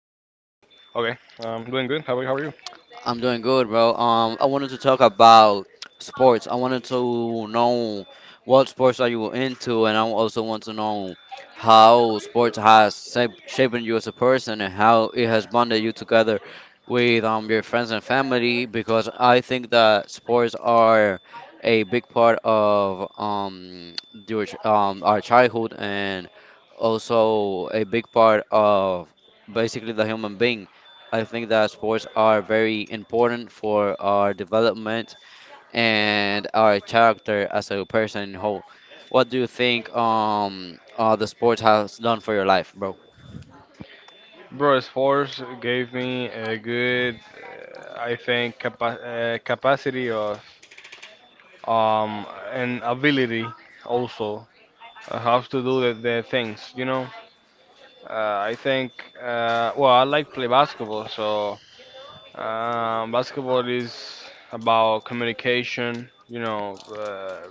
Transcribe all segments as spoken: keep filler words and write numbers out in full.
Um, I'm doing good. How are you? How are you? I'm doing good, bro. Um, I wanted to talk about sports. I wanted to know what sports are you into, and I also want to know how sports has sa- shaped you as a person and how it has bonded you together with um your friends and family. Because I think that sports are a big part of um your ch- um our childhood and also a big part of basically the human being. I think that sports are very important for our development and our character as a person in whole. What do you think um uh, the sports has done for your life, bro? Bro? Force gave me a good, uh, I think, capa- uh, capacity of um and ability also, uh, how to do the, the things. You know, uh, I think. Uh, well, I like play basketball, so um, basketball is about communication. You know, uh,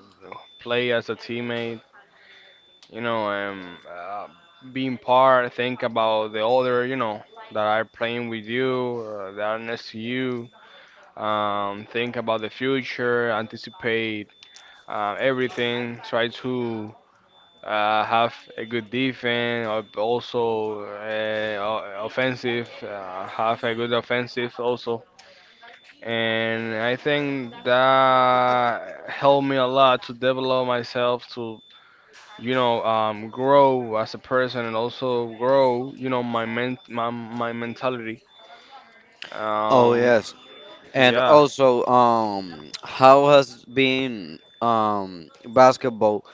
play as a teammate, you know, um, uh, being part, think about the other, you know, that are playing with you, uh, that are next to you. Um, think about the future, anticipate uh, everything, try to uh, have a good defense, al- also uh, o- offensive, uh, have a good offensive also. And I think that helped me a lot to develop myself to, you know, um, grow as a person, and also grow, you know, my men- my, my mentality. Oh um, yes. And yeah, also um how has been um basketball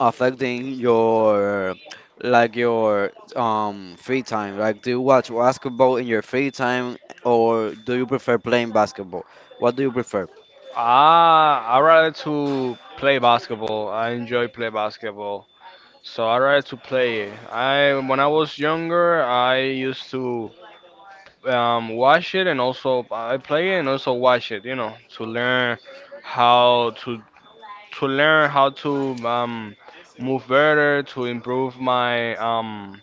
affecting your like your um free time? Like do you watch basketball in your free time or do you prefer playing basketball? What do you prefer? I I rather to play basketball. I enjoy play basketball, so I rather to play it. I, when I was younger, I used to, um, watch it, and also I play it and also watch it, you know, to learn how to to learn how to, um, move better, to improve my, um,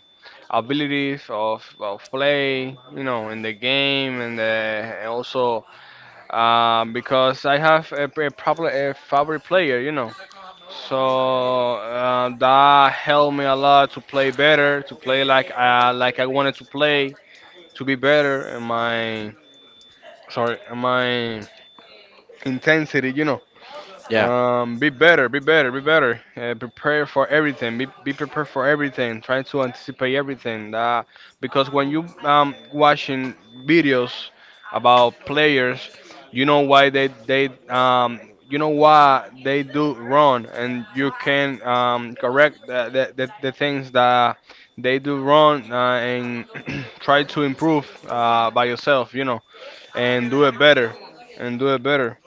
abilities of, of play, you know, in the game, and, uh, and also, um, because I have a, a, probably a favorite player, you know, so uh, that helped me a lot to play better, to play like, uh, like I wanted to play, to be better in my, sorry, in my intensity, you know. Yeah. Um, be better, be better, be better. Uh, prepare for everything. Be be prepared for everything. Try to anticipate everything. Uh, because when you um watching videos about players, you know why they they um you know why they do wrong, and you can um correct the the, the, the things that they do wrong, uh, and try to improve, uh, by yourself. You know, and do it better, and do it better.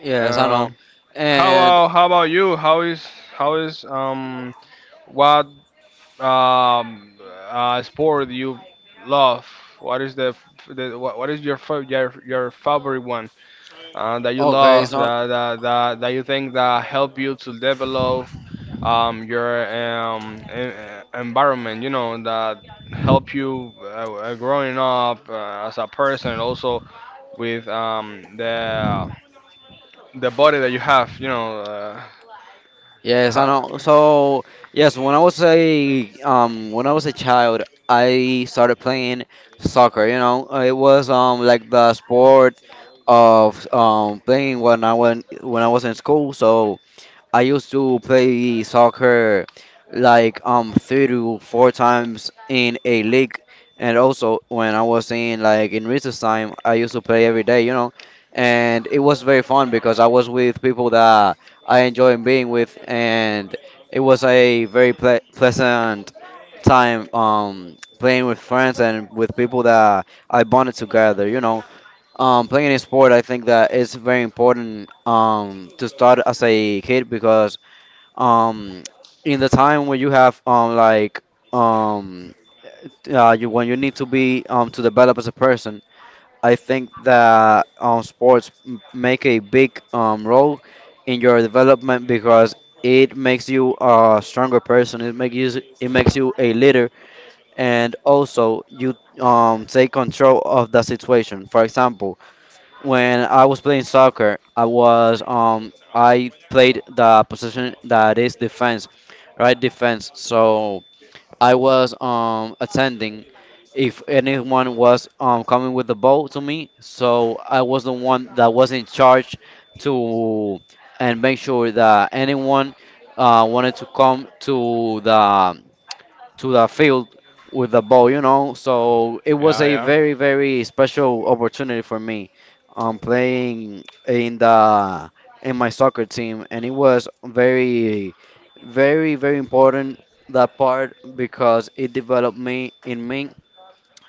Yes, I know. Um. How And about how about you? How is how is um what um uh, sport you love? What is the, f- the what, what is your fa- your your favorite one, uh, that you okay, love, so that, that that that you think that help you to develop um your, um en- environment? You know, that help you, uh, uh, growing up, uh, as a person, also with um the the body that you have. You know. yes, I Uh, know. So yes, when I was a um when I was a child, I started playing soccer. You know, Uh, it was um like the sport of um playing when I went when I was in school. So I used to play soccer like um three to four times in a league, and also when I was in like in recess time, I used to play every day, you know, and it was very fun because I was with people that I enjoy being with, and it was a very ple pleasant time um playing with friends and with people that I bonded together, you know. Um, playing a sport, I think that is very important um, to start as a kid because um, in the time when you have um, like um, uh, you when you need to be um, to develop as a person, I think that um, sports m- make a big um, role in your development because it makes you a stronger person. It makes you it makes you a leader, and also you um, take control of the situation. For example. When I was playing soccer, I was um I played the position that is defense, right defense. So I was um attending if anyone was um coming with the ball to me, so I was the one that was in charge to and make sure that anyone uh wanted to come to the to the field with the ball, you know. So it was Yeah, a yeah, very, very special opportunity for me, um, playing in the in my soccer team, and it was very, very, very important that part because it developed me in me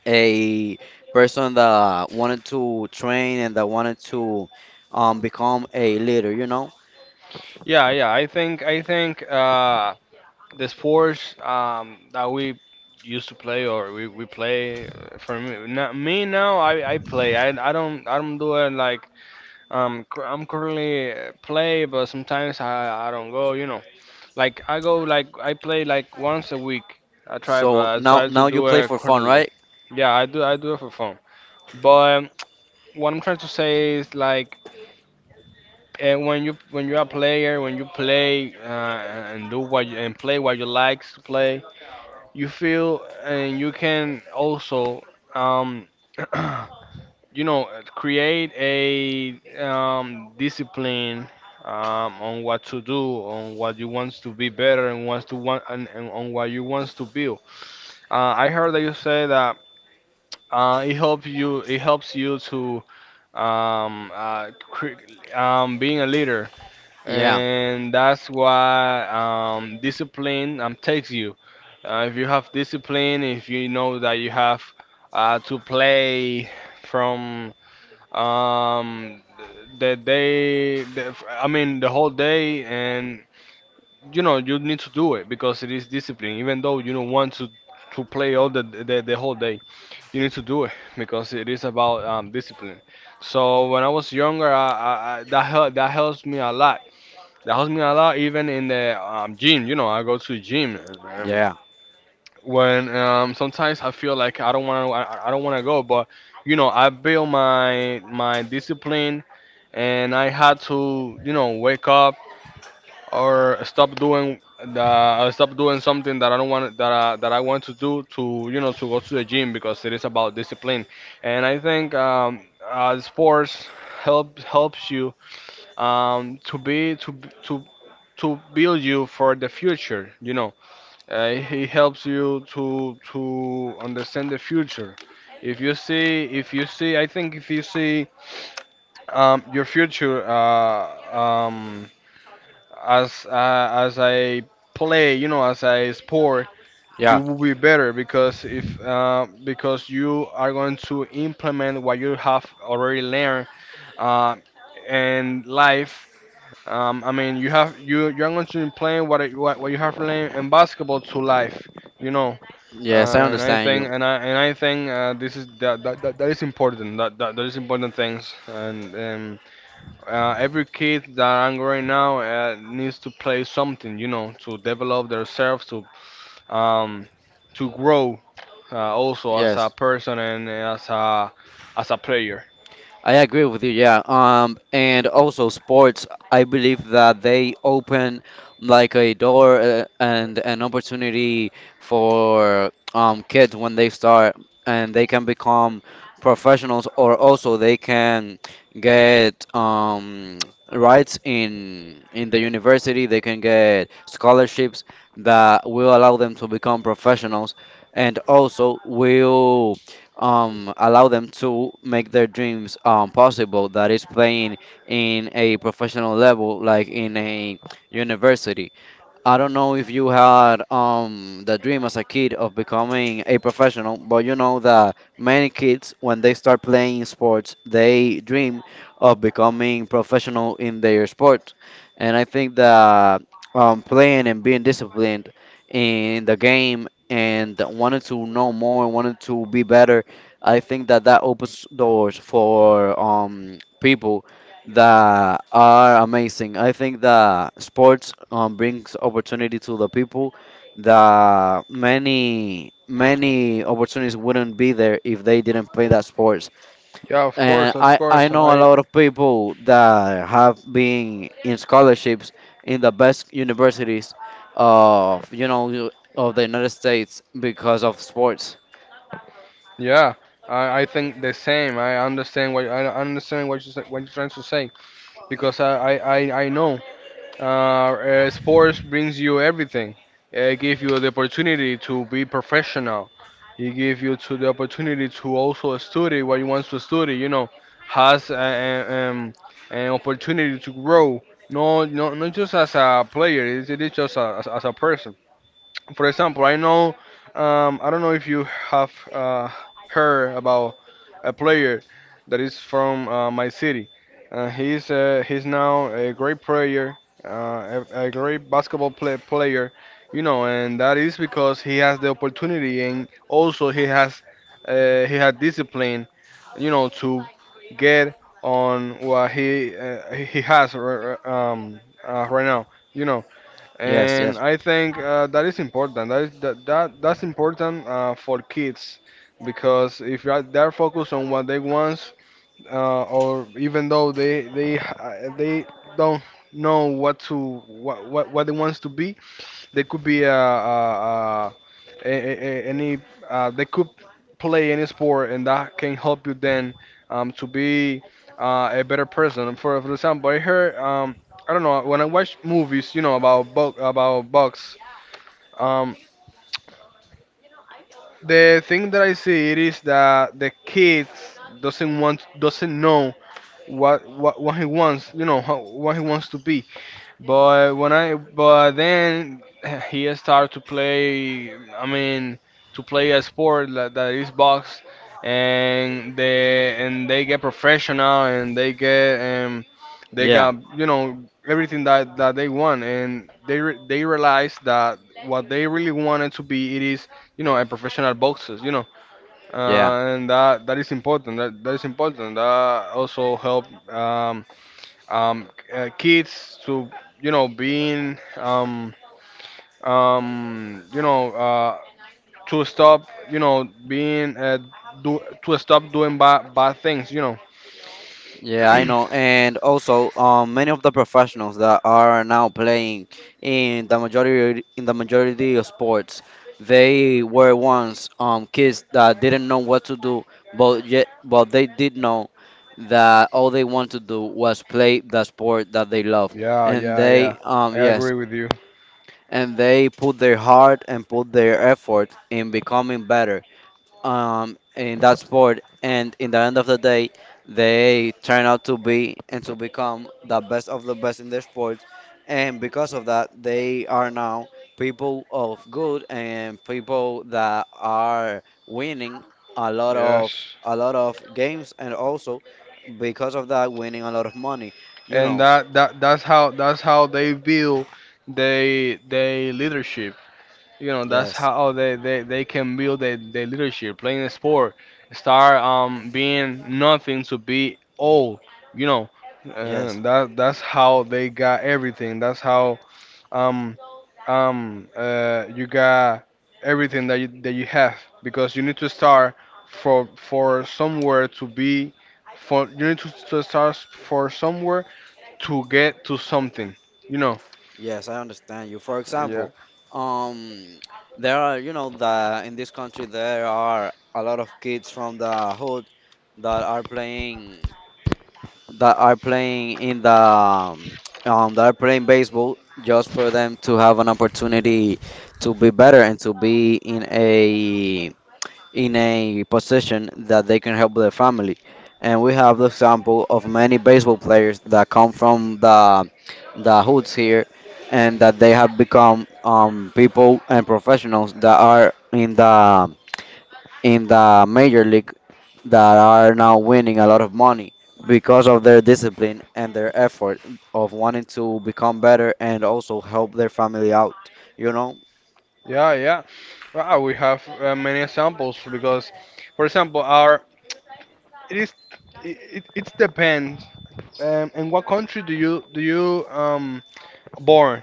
a person that wanted to train and that wanted to um, become a leader, you know. yeah, yeah. I think I think, uh, the sports, um, that we used to play, or we, we play, uh, for me now, me now, I, I play I, I don't, I don't do it like, um cur- I'm currently, uh, play, but sometimes I, I don't go, you know, like I go like I play like once a week. I try, but So I now, try to now you do play it for fun, quarterly. right? Yeah, I do, I do it for fun, but, um, what I'm trying to say is like, and when you, when you're a player, when you play, uh, and do what you, and play what you like to play, you feel, and you can also, um, you know, create a, um, discipline, um, on what to do, on what you want to be better, and wants to want and, and on what you want to build. Uh, I heard that you say that, uh, it helps you. It helps you to, um, uh, cre- um, being a leader, Yeah, and that's why, um, discipline, um, takes you. Uh, if you have discipline, if you know that you have, uh, to play from, um, the day, the, I mean the whole day, and you know you need to do it because it is discipline. Even though you don't want to to play all the the, the whole day, you need to do it because it is about, um, discipline. So when I was younger, I, I, I, that helped that helps me a lot, that helps me a lot, even in the, um, gym. You know, I go to the gym. Um, yeah, When, um, sometimes I feel like I don't want to, I, I don't want to go, but you know, I build my my discipline, and I had to, you know, wake up or stop doing the, uh, stop doing something that I don't want, that I, that I want to do, to, you know, to go to the gym, because it is about discipline, and I think, um, uh, sports helps helps you, um, to be to b- to to build you for the future. You know, uh, he helps you to to understand the future. If you see, if you see, I think if you see, um, your future, uh, um, as uh, as I play, you know, as I sport, you yeah. will be better, because if uh, because you are going to implement what you have already learned, uh, in life, um, I mean, you have you you're going to be playing what it, what, what you have learned in basketball to life, you know. Yes, I Uh, and I understand you. think and I and I think, uh, this is that, that, that, that is important. That, that that is important things. And, um, uh, every kid that I'm right now, uh, needs to play something, you know, to develop themselves, to, um, to grow, uh, also as a Yes, person, and as a, as a player. I agree with you. Yeah. Um, and also sports, I believe that they open like a door uh, and an opportunity for um kids when they start and they can become professionals or also they can get um rights in in the university. They can get scholarships that will allow them to become professionals and also will um, allow them to make their dreams um, possible. That is playing in a professional level, like in a university. I don't know if you had um, the dream as a kid of becoming a professional, but you know that many kids, when they start playing sports, they dream of becoming professional in their sport. And I think that um, playing and being disciplined in the game and wanting to know more and wanting to be better, I think that that opens doors for um, people that are amazing. I think that sports um, brings opportunity to the people that many many opportunities wouldn't be there if they didn't play that sports. Yeah, of And course, of I, I course. know a I lot of people that have been in scholarships in the best universities of you know of the United States because of sports. Yeah, I, I think the same. I understand what I understand what you sa- what you're trying to say, because I I, I I know, uh, uh, sports brings you everything. It gives you the opportunity to be professional. It gives you to the opportunity to also study what you want to study. You know, has a, a- um, an opportunity to grow. No, no, not just as a player. It, it is just a, as, as a person. For example, I know, um, I don't know if you have, uh, heard about a player that is from, uh, my city. Uh, he's uh, he's now a great player, uh, a, a great basketball play, player, you know, and that is because he has the opportunity, and also he has, uh, he had discipline, you know, to get on what he, uh, he has r- r- um, uh, right now, you know. Yes, And yes. I think, uh, that is important. That is that, that That's important, uh, for kids, because if you are- they're focused on what they want, uh, or even though they they uh, they don't know what to what what, what they want to be, they could be, uh, uh, uh, a, a, a- any. Uh, they could play any sport, and that can help you then, um, to be, uh, a better person. For, for example, I heard. Um, I don't know. When I watch movies, you know, about bo- about box. Um, the thing that I see it is that the kids doesn't want doesn't know what what, what he wants. You know how, what he wants to be. But when I but then he started to play. I mean, to play a sport that, that is box, and they, and they get professional, and they get um they Yeah, got, you know, everything that that they want, and they re- they realize that what they really wanted to be it is, you know, a professional boxers, you know, yeah. uh, and that that is important that that is important, that also help, um um, uh, kids to, you know, being, um, um, you know, uh, to stop, you know, being, uh, do to stop doing bad bad things, you know. Yeah, I know. And also, um, many of the professionals that are now playing in the majority in the majority of sports, they were once um kids that didn't know what to do, but yet, but they did know that all they want to do was play the sport that they love, yeah and yeah Yeah. they um I yes, agree with you. and they put their heart and put their effort in becoming better um, in that sport, and in the end of the day, they turn out to be and to become the best of the best in their sports, and because of that, they are now people of good and people that are winning a lot of Yes. a lot of games, and also because of that, winning a lot of money. You And know, that that that's how, that's how they build, they they leadership, you know, that's yes, how, oh, they, they, they can build their, their leadership, playing a sport. Start, um being nothing, to be all, you know. yes. And that, that's how they got everything, that's how, um um uh you got everything that you, that you have, because you need to start for for somewhere to be, for you need to, to start for somewhere, to get to something, you know. Yes, I understand you. For Yeah. example, um, there are, you know, the in this country there are a lot of kids from the hood that are playing that are playing in the um, um, that are playing baseball just for them to have an opportunity to be better and to be in a in a position that they can help their family. And we have the example of many baseball players that come from the the hoods here, and that they have become um, people and professionals that are in the in the major league that are now winning a lot of money because of their discipline and their effort of wanting to become better and also help their family out. You know? Yeah, yeah. Wow, we have, uh, many examples, because, for example, our it is it, it, it depends. Um, in what country do you do you um born?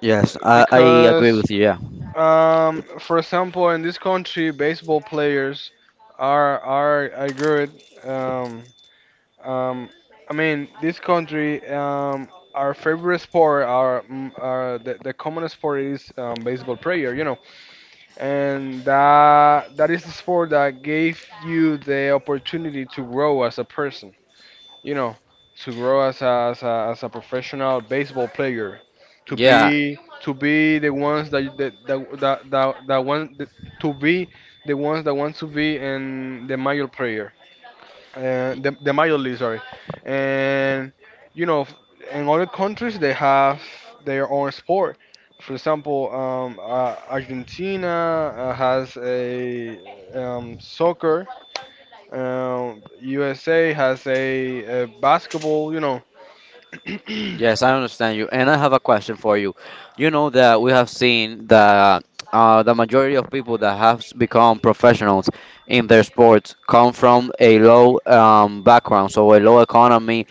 Yes, I, I agree Because, with you. Yeah. um, for example, in this country, baseball players are are, are good. Um, um, I mean, this country, um, our favorite sport, our mm, our the, the common sport is, um, baseball player. You know, and that that is the sport that gave you the opportunity to grow as a person, you know, to grow as a, as a, as a professional baseball player, to Yeah, be to be the ones that that that, that, that, that want to be the ones that want to be in the major player, uh, the, the major league, sorry. And you know, f- In other countries they have their own sport. For example, um, uh, Argentina uh, has a um, soccer. Um, U S A has a, a basketball. You know, yes, I understand you, and I have a question for you. You know that we have seen that uh, the majority of people that have s- become professionals in their sports come from a low um, background, so a low economy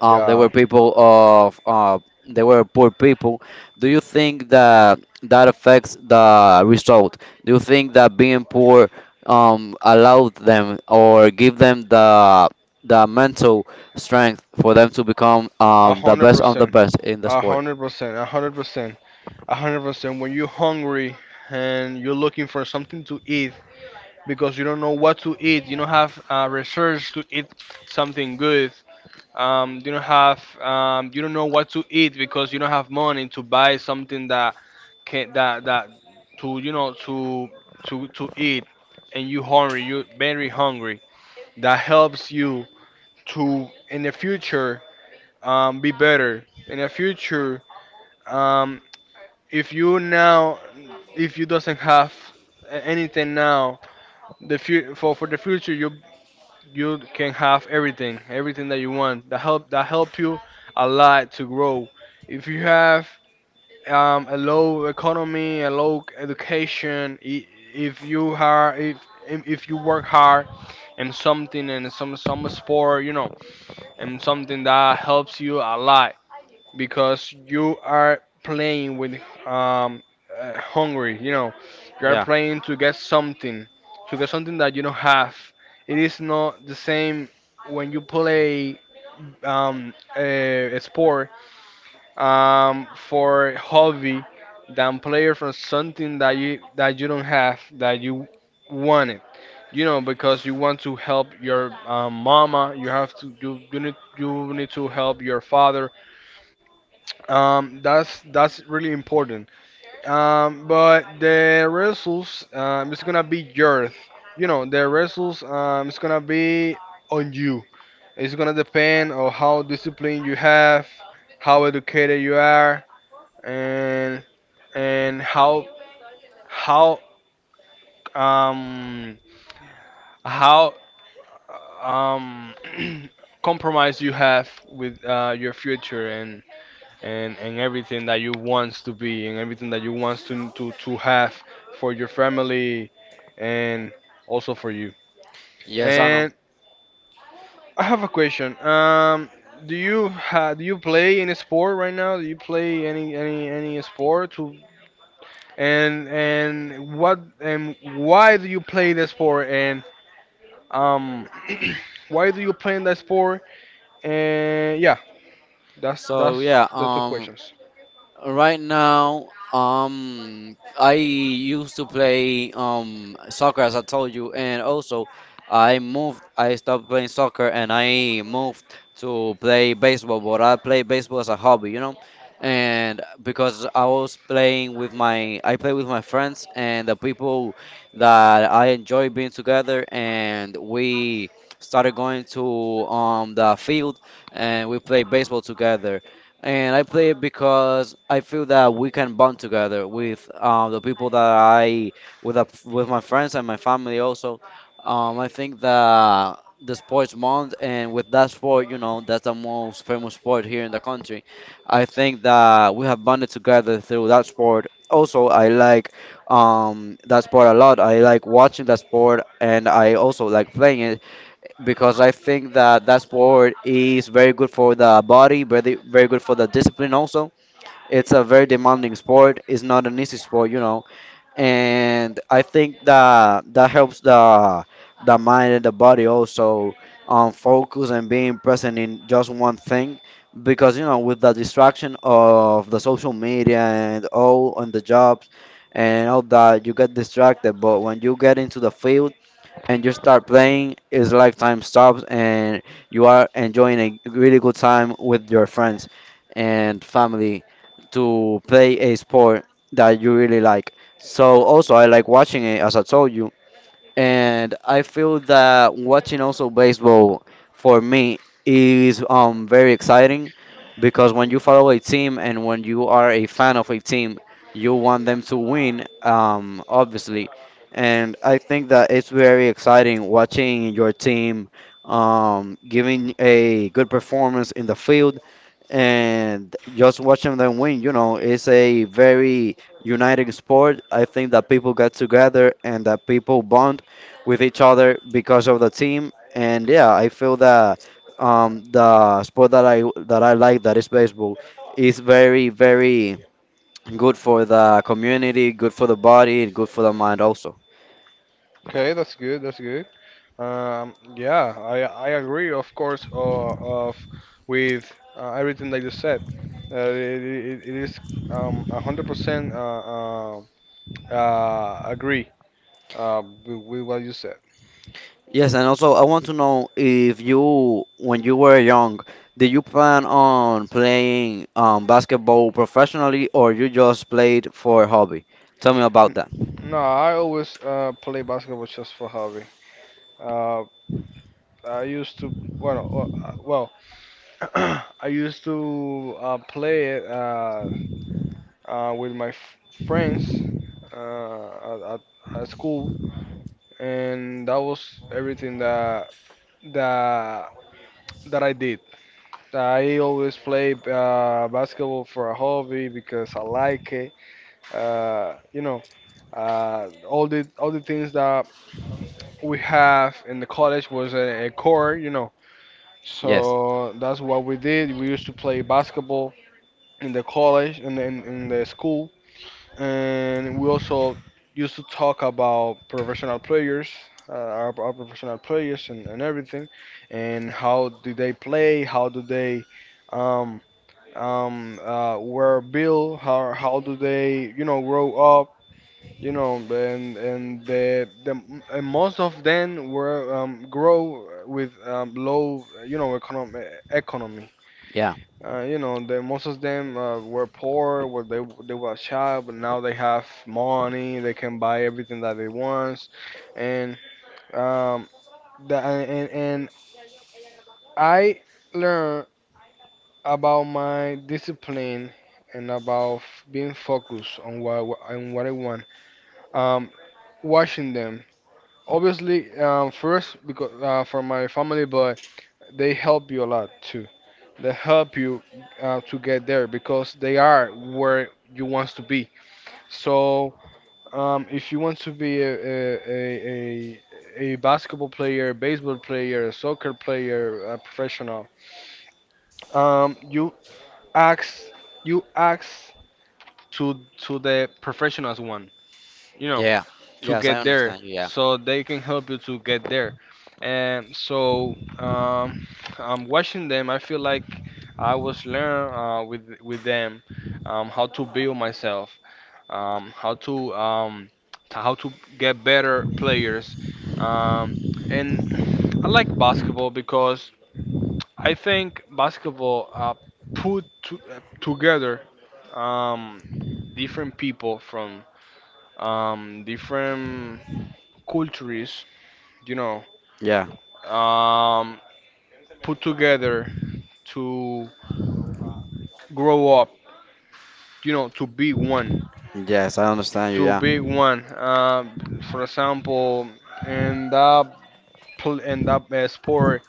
um they were yeah, people of uh they were poor people, do you think that that affects the result? Do you think that being poor um allowed them or give them the the mental strength for them to become a um the hundred best of the percent, best in the a sport? hundred percent, a hundred percent, a hundred percent. When you're hungry and you're looking for something to eat, because you don't know what to eat. You don't have uh, research to eat something good. Um, you don't have um, you don't know what to eat because you don't have money to buy something that can that that to you know to to to eat, and you hungry. You very hungry. That helps you to in the future um, be better. In the future, um, if you now if you doesn't have a- anything now the fu- for for the future you you can have everything, everything that you want. That help that help you a lot to grow. If you have um, a low economy, a low education, i- if you are if if if you work hard in something and some some sport, you know, and something that helps you a lot because you are playing with um, uh, hungry. You know, you are Yeah. playing to get something, to get something that you don't have. It is not the same when you play um, a, a sport um, for hobby than player from something that you that you don't have that you want it. You know, because you want to help your um, mama, you have to you, you need you need to help your father um, that's that's really important. Um, but the results um, it's gonna be yours. You know, the results um, it's gonna be on you. It's gonna depend on how disciplined you have, how educated you are, and and how how um how um compromise you have with uh, your future and and and everything that you wants to be and everything that you wants to to, to have for your family and also for you. Yes, I know. And I have a question. Um, do you ha do you play any sport right now? Do you play any any any sport? To and and what and why do you play the sport? And um, why do you play in that sport? And yeah, that's so that's yeah the two um questions. Right now, um, I used to play um soccer as I told you, and also I moved. I stopped playing soccer and I moved to play baseball. But I play baseball as a hobby, you know, and because I was playing with my, I play with my friends and the people that I enjoy being together, and we started going to um the field and we play baseball together and I play it because I feel that we can bond together with um, the people that I with a, with my friends and my family also. Um, I think that the sports month and with that sport, you know, that's the most famous sport here in the country. I think that we have bonded together through that sport. Also, I like um, that sport a lot. I like watching that sport, and I also like playing it because I think that that sport is very good for the body, very very good for the discipline also. It's a very demanding sport. It's not an easy sport, you know. And I think that that helps the the mind and the body also um, focus and being present in just one thing because you know with the distraction of the social media and all on the jobs and all that you get distracted but when you get into the field and you start playing, it's like time stops and you are enjoying a really good time with your friends and family to play a sport that you really like. So also I like watching it as I told you and I feel that watching also baseball for me is um very exciting because when you follow a team and when you are a fan of a team, you want them to win, um, obviously. And I think that it's very exciting watching your team um, giving a good performance in the field and just watching them win, you know, it's a very uniting sport. I think that people get together and that people bond with each other because of the team. And yeah, I feel that um, the sport that I that I like, that is baseball, is very, very good for the community, good for the body, and good for the mind also. Okay, that's good. That's good. Um, yeah, I I agree, of course, uh, of with uh, everything that you said. Uh, it, it, it is um a hundred percent uh, uh, uh agree uh with, with what you said. Yes, and also I want to know if you, when you were young, did you plan on playing um, basketball professionally or you just played for hobby? Tell me about N- that. No, I always uh play basketball just for hobby. Uh, I used to well uh, well I used to uh, play it uh, uh with my f friends uh at, at at school and that was everything that that that I did. I always play uh, basketball for a hobby because I like it. Uh, you know, uh, all the all the things that we have in the college was a, a core. You know, Yes. so that's what we did. We used to play basketball in the college and in, in the school and we also used to talk about professional players, uh, our, our professional players, and, and everything, and how do they play, how do they um, um, uh, were built, how how do they you know grow up, you know, and and the the and most of them were um, grow with um, low you know economy economy Yeah. uh, you know, the, most of them uh, were poor, where they they were a child, but now they have money. They can buy everything that they want, and um, the, and and I learned about my discipline and about f- being focused on what what- on what I want. Um, watching them, obviously, um, first because uh, for my family, but they help you a lot too. They help you uh, to get there because they are where you want to be. So, um, if you want to be a, a, a, a, a basketball player, baseball player, soccer player, a professional, um, you ask you ask to to the professionals one, you know, Yeah. to Yes, I get there, understand you. Yeah. so they can help you to get there. And so, um, I'm watching them. I feel like I was learn uh, with with them um, how to build myself um, how to um, t- how to get better players. Um, and I like basketball because I think basketball uh, put to, uh, together um, different people from um, different cultures, you know, Yeah. um, put together to grow up, you know, to be one, Yes, I understand you. to Yeah. be one. Uh, for example, in that pl- in that uh, sport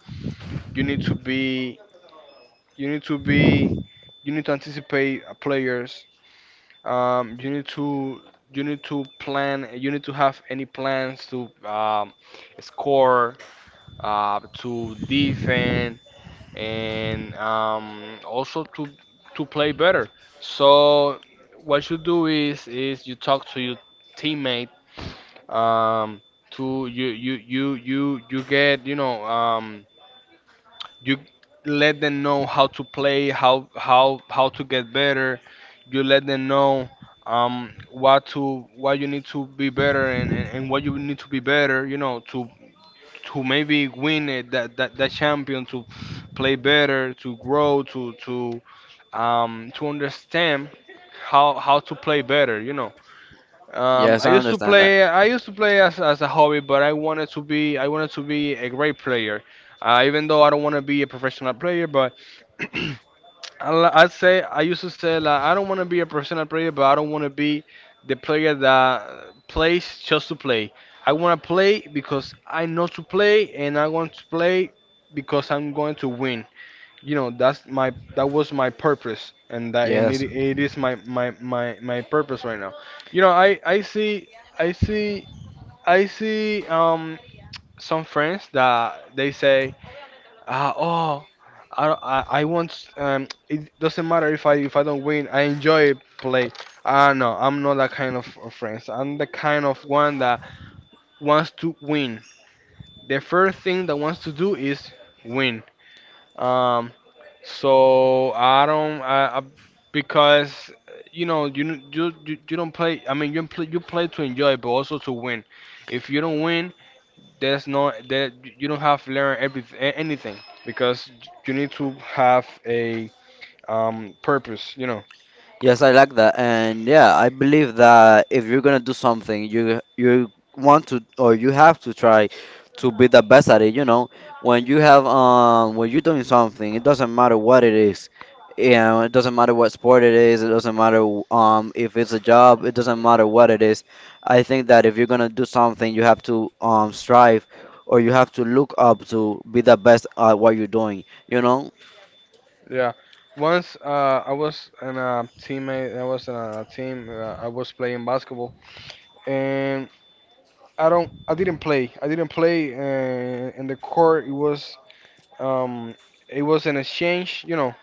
you need to be you need to be you need to anticipate uh, players um, you need to you need to plan you need to have any plans to um, score uh, to defend and um, also to to play better, so what you do is is you talk to your teammate um, to you you you you you get you know um you let them know how to play how how how to get better, you let them know um what to what you need to be better and, and, and what you need to be better you know to to maybe win it that, that that champion to play better to grow to to um to understand how how to play better you know. um, Yes, I I used to understand that. play. I used to play as, as a hobby, but I wanted to be. I wanted to be a great player. Uh, even though I don't want to be a professional player, but I li- I'd say I used to say like I don't want to be a professional player, but I don't want to be the player that plays just to play. I want to play because I know to play, and I want to play because I'm going to win. You know, that's my that was my purpose and that and it, Yes. it is my, my my my purpose right now. You know, i i see i see I see um some friends that they say ah oh I don't- I, I want um it doesn't matter if i if I don't win, I enjoy play. Ah no, I'm not that kind of of friends. I'm the kind of one that wants to win. The first thing that wants to do is win. Um So I don't I, I because you know you n- you you you don't play. I mean you play, you play to enjoy, but also to win. If you don't win, there's no that you don't have learned everything anything because you need to have a um purpose. You know. Yes, I like that. And yeah, I believe that if you're gonna do something, you you want to or you have to try to be the best at it, you know. When you have um when you're doing something, it doesn't matter what it is. You know, it doesn't matter what sport it is, it doesn't matter um if it's a job, it doesn't matter what it is. I think that if you're gonna do something, you have to um strive or you have to look up to be the best at what you're doing, you know? Yeah. Once uh, I was in a teammate. I was in a team. Uh, I was playing basketball and. I don't. I didn't play. I didn't play, uh, and in the court it was Um, it was an exchange, you know.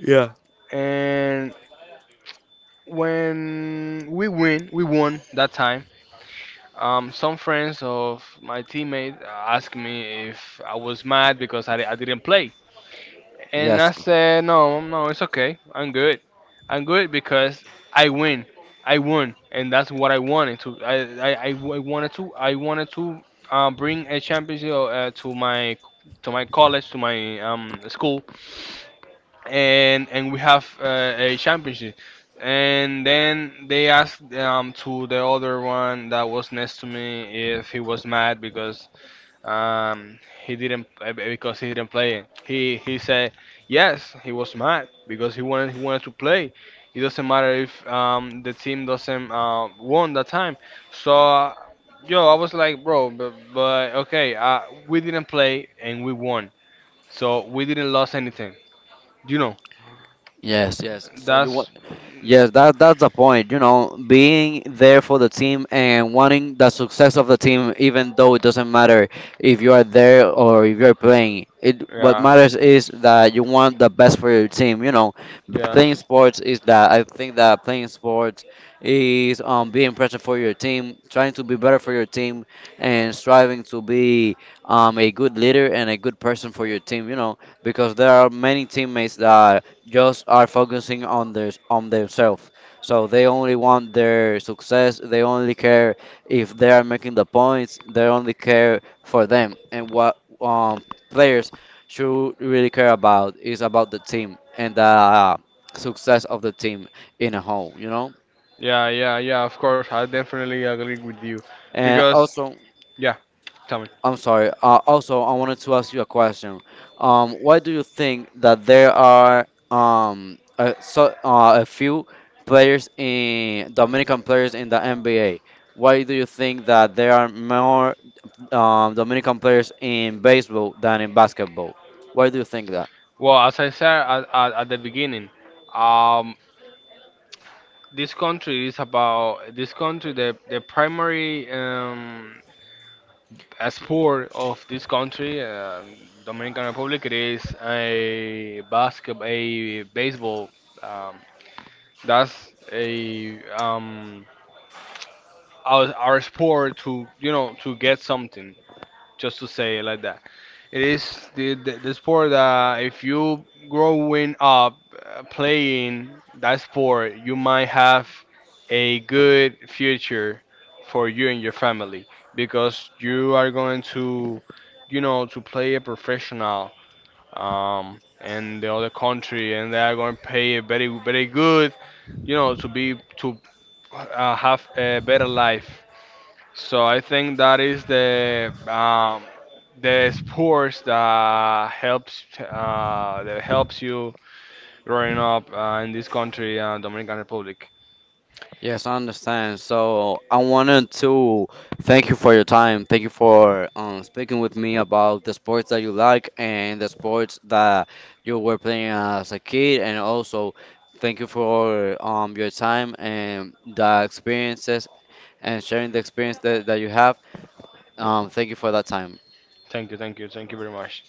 Yeah. And when we win, we won that time. Um, some friends of my teammate asked me if I was mad because I, I didn't play, and Yes. I said no, no, it's okay. I'm good. I'm good because I win. I won, and that's what I wanted to. I I, I I wanted to. I wanted to uh, bring a championship uh, to my to my college to my um school and and we have uh, a championship. And then they asked um, to the other one that was next to me if he was mad because um, he didn't uh, because he didn't play it. He he said yes, he was mad because he wanted he wanted to play. It doesn't matter if um, the team doesn't uh, won that time. So uh, yo, I was like, bro, but, but okay, uh, we didn't play and we won, so we didn't lose anything, you know. Yes, yes. So you want That's yes, that that's the point. You know, being there for the team and wanting the success of the team, even though it doesn't matter if you are there or if you're playing. It what yeah, matters is that you want the best for your team. You know, playing yes, sports is that I think that playing sports is um being present for your team, trying to be better for your team, and striving to be um a good leader and a good person for your team. You know, because there are many teammates that just are focusing on their on themselves. So they only want their success. They only care if they are making the points. They only care for them. And what um, players should really care about is about the team and the uh, success of the team in a whole. You know. yeah, yeah, yeah. Of course, I definitely agree with you And because also, yeah, tell me. I'm sorry. Uh, also, I wanted to ask you a question. Um, why do you think that there are um a, so, uh, a few players in Dominican players in the N B A? Why do you think that there are more um, Dominican players in baseball than in basketball? Why do you think Well, as I said at, at, at the beginning, um, this country is about this country. The the primary um, uh, sport of this country, uh, Dominican Republic, it is a basketball, a baseball. Um, that's a um, our, our sport to you know to get something. Just to say it like that. It is the, the, the sport that if you growing up uh, playing that sport, you might have a good future for you and your family because you are going to, you know, to play a professional um, in the other country, and they are going to pay a very very good, you know, to be to uh, have a better life. So I think that is the um, the sports that helps uh, that helps you growing up uh, in this country, uh, Dominican Republic. yes, I understand. So I wanted to thank you for your time. Thank you for um, speaking with me about the sports that you like and the sports that you were playing as a kid. And also, thank you for um, your time and the experiences and sharing the experience that, that you have. Um, thank you for that time. Thank you, thank you, thank you very much.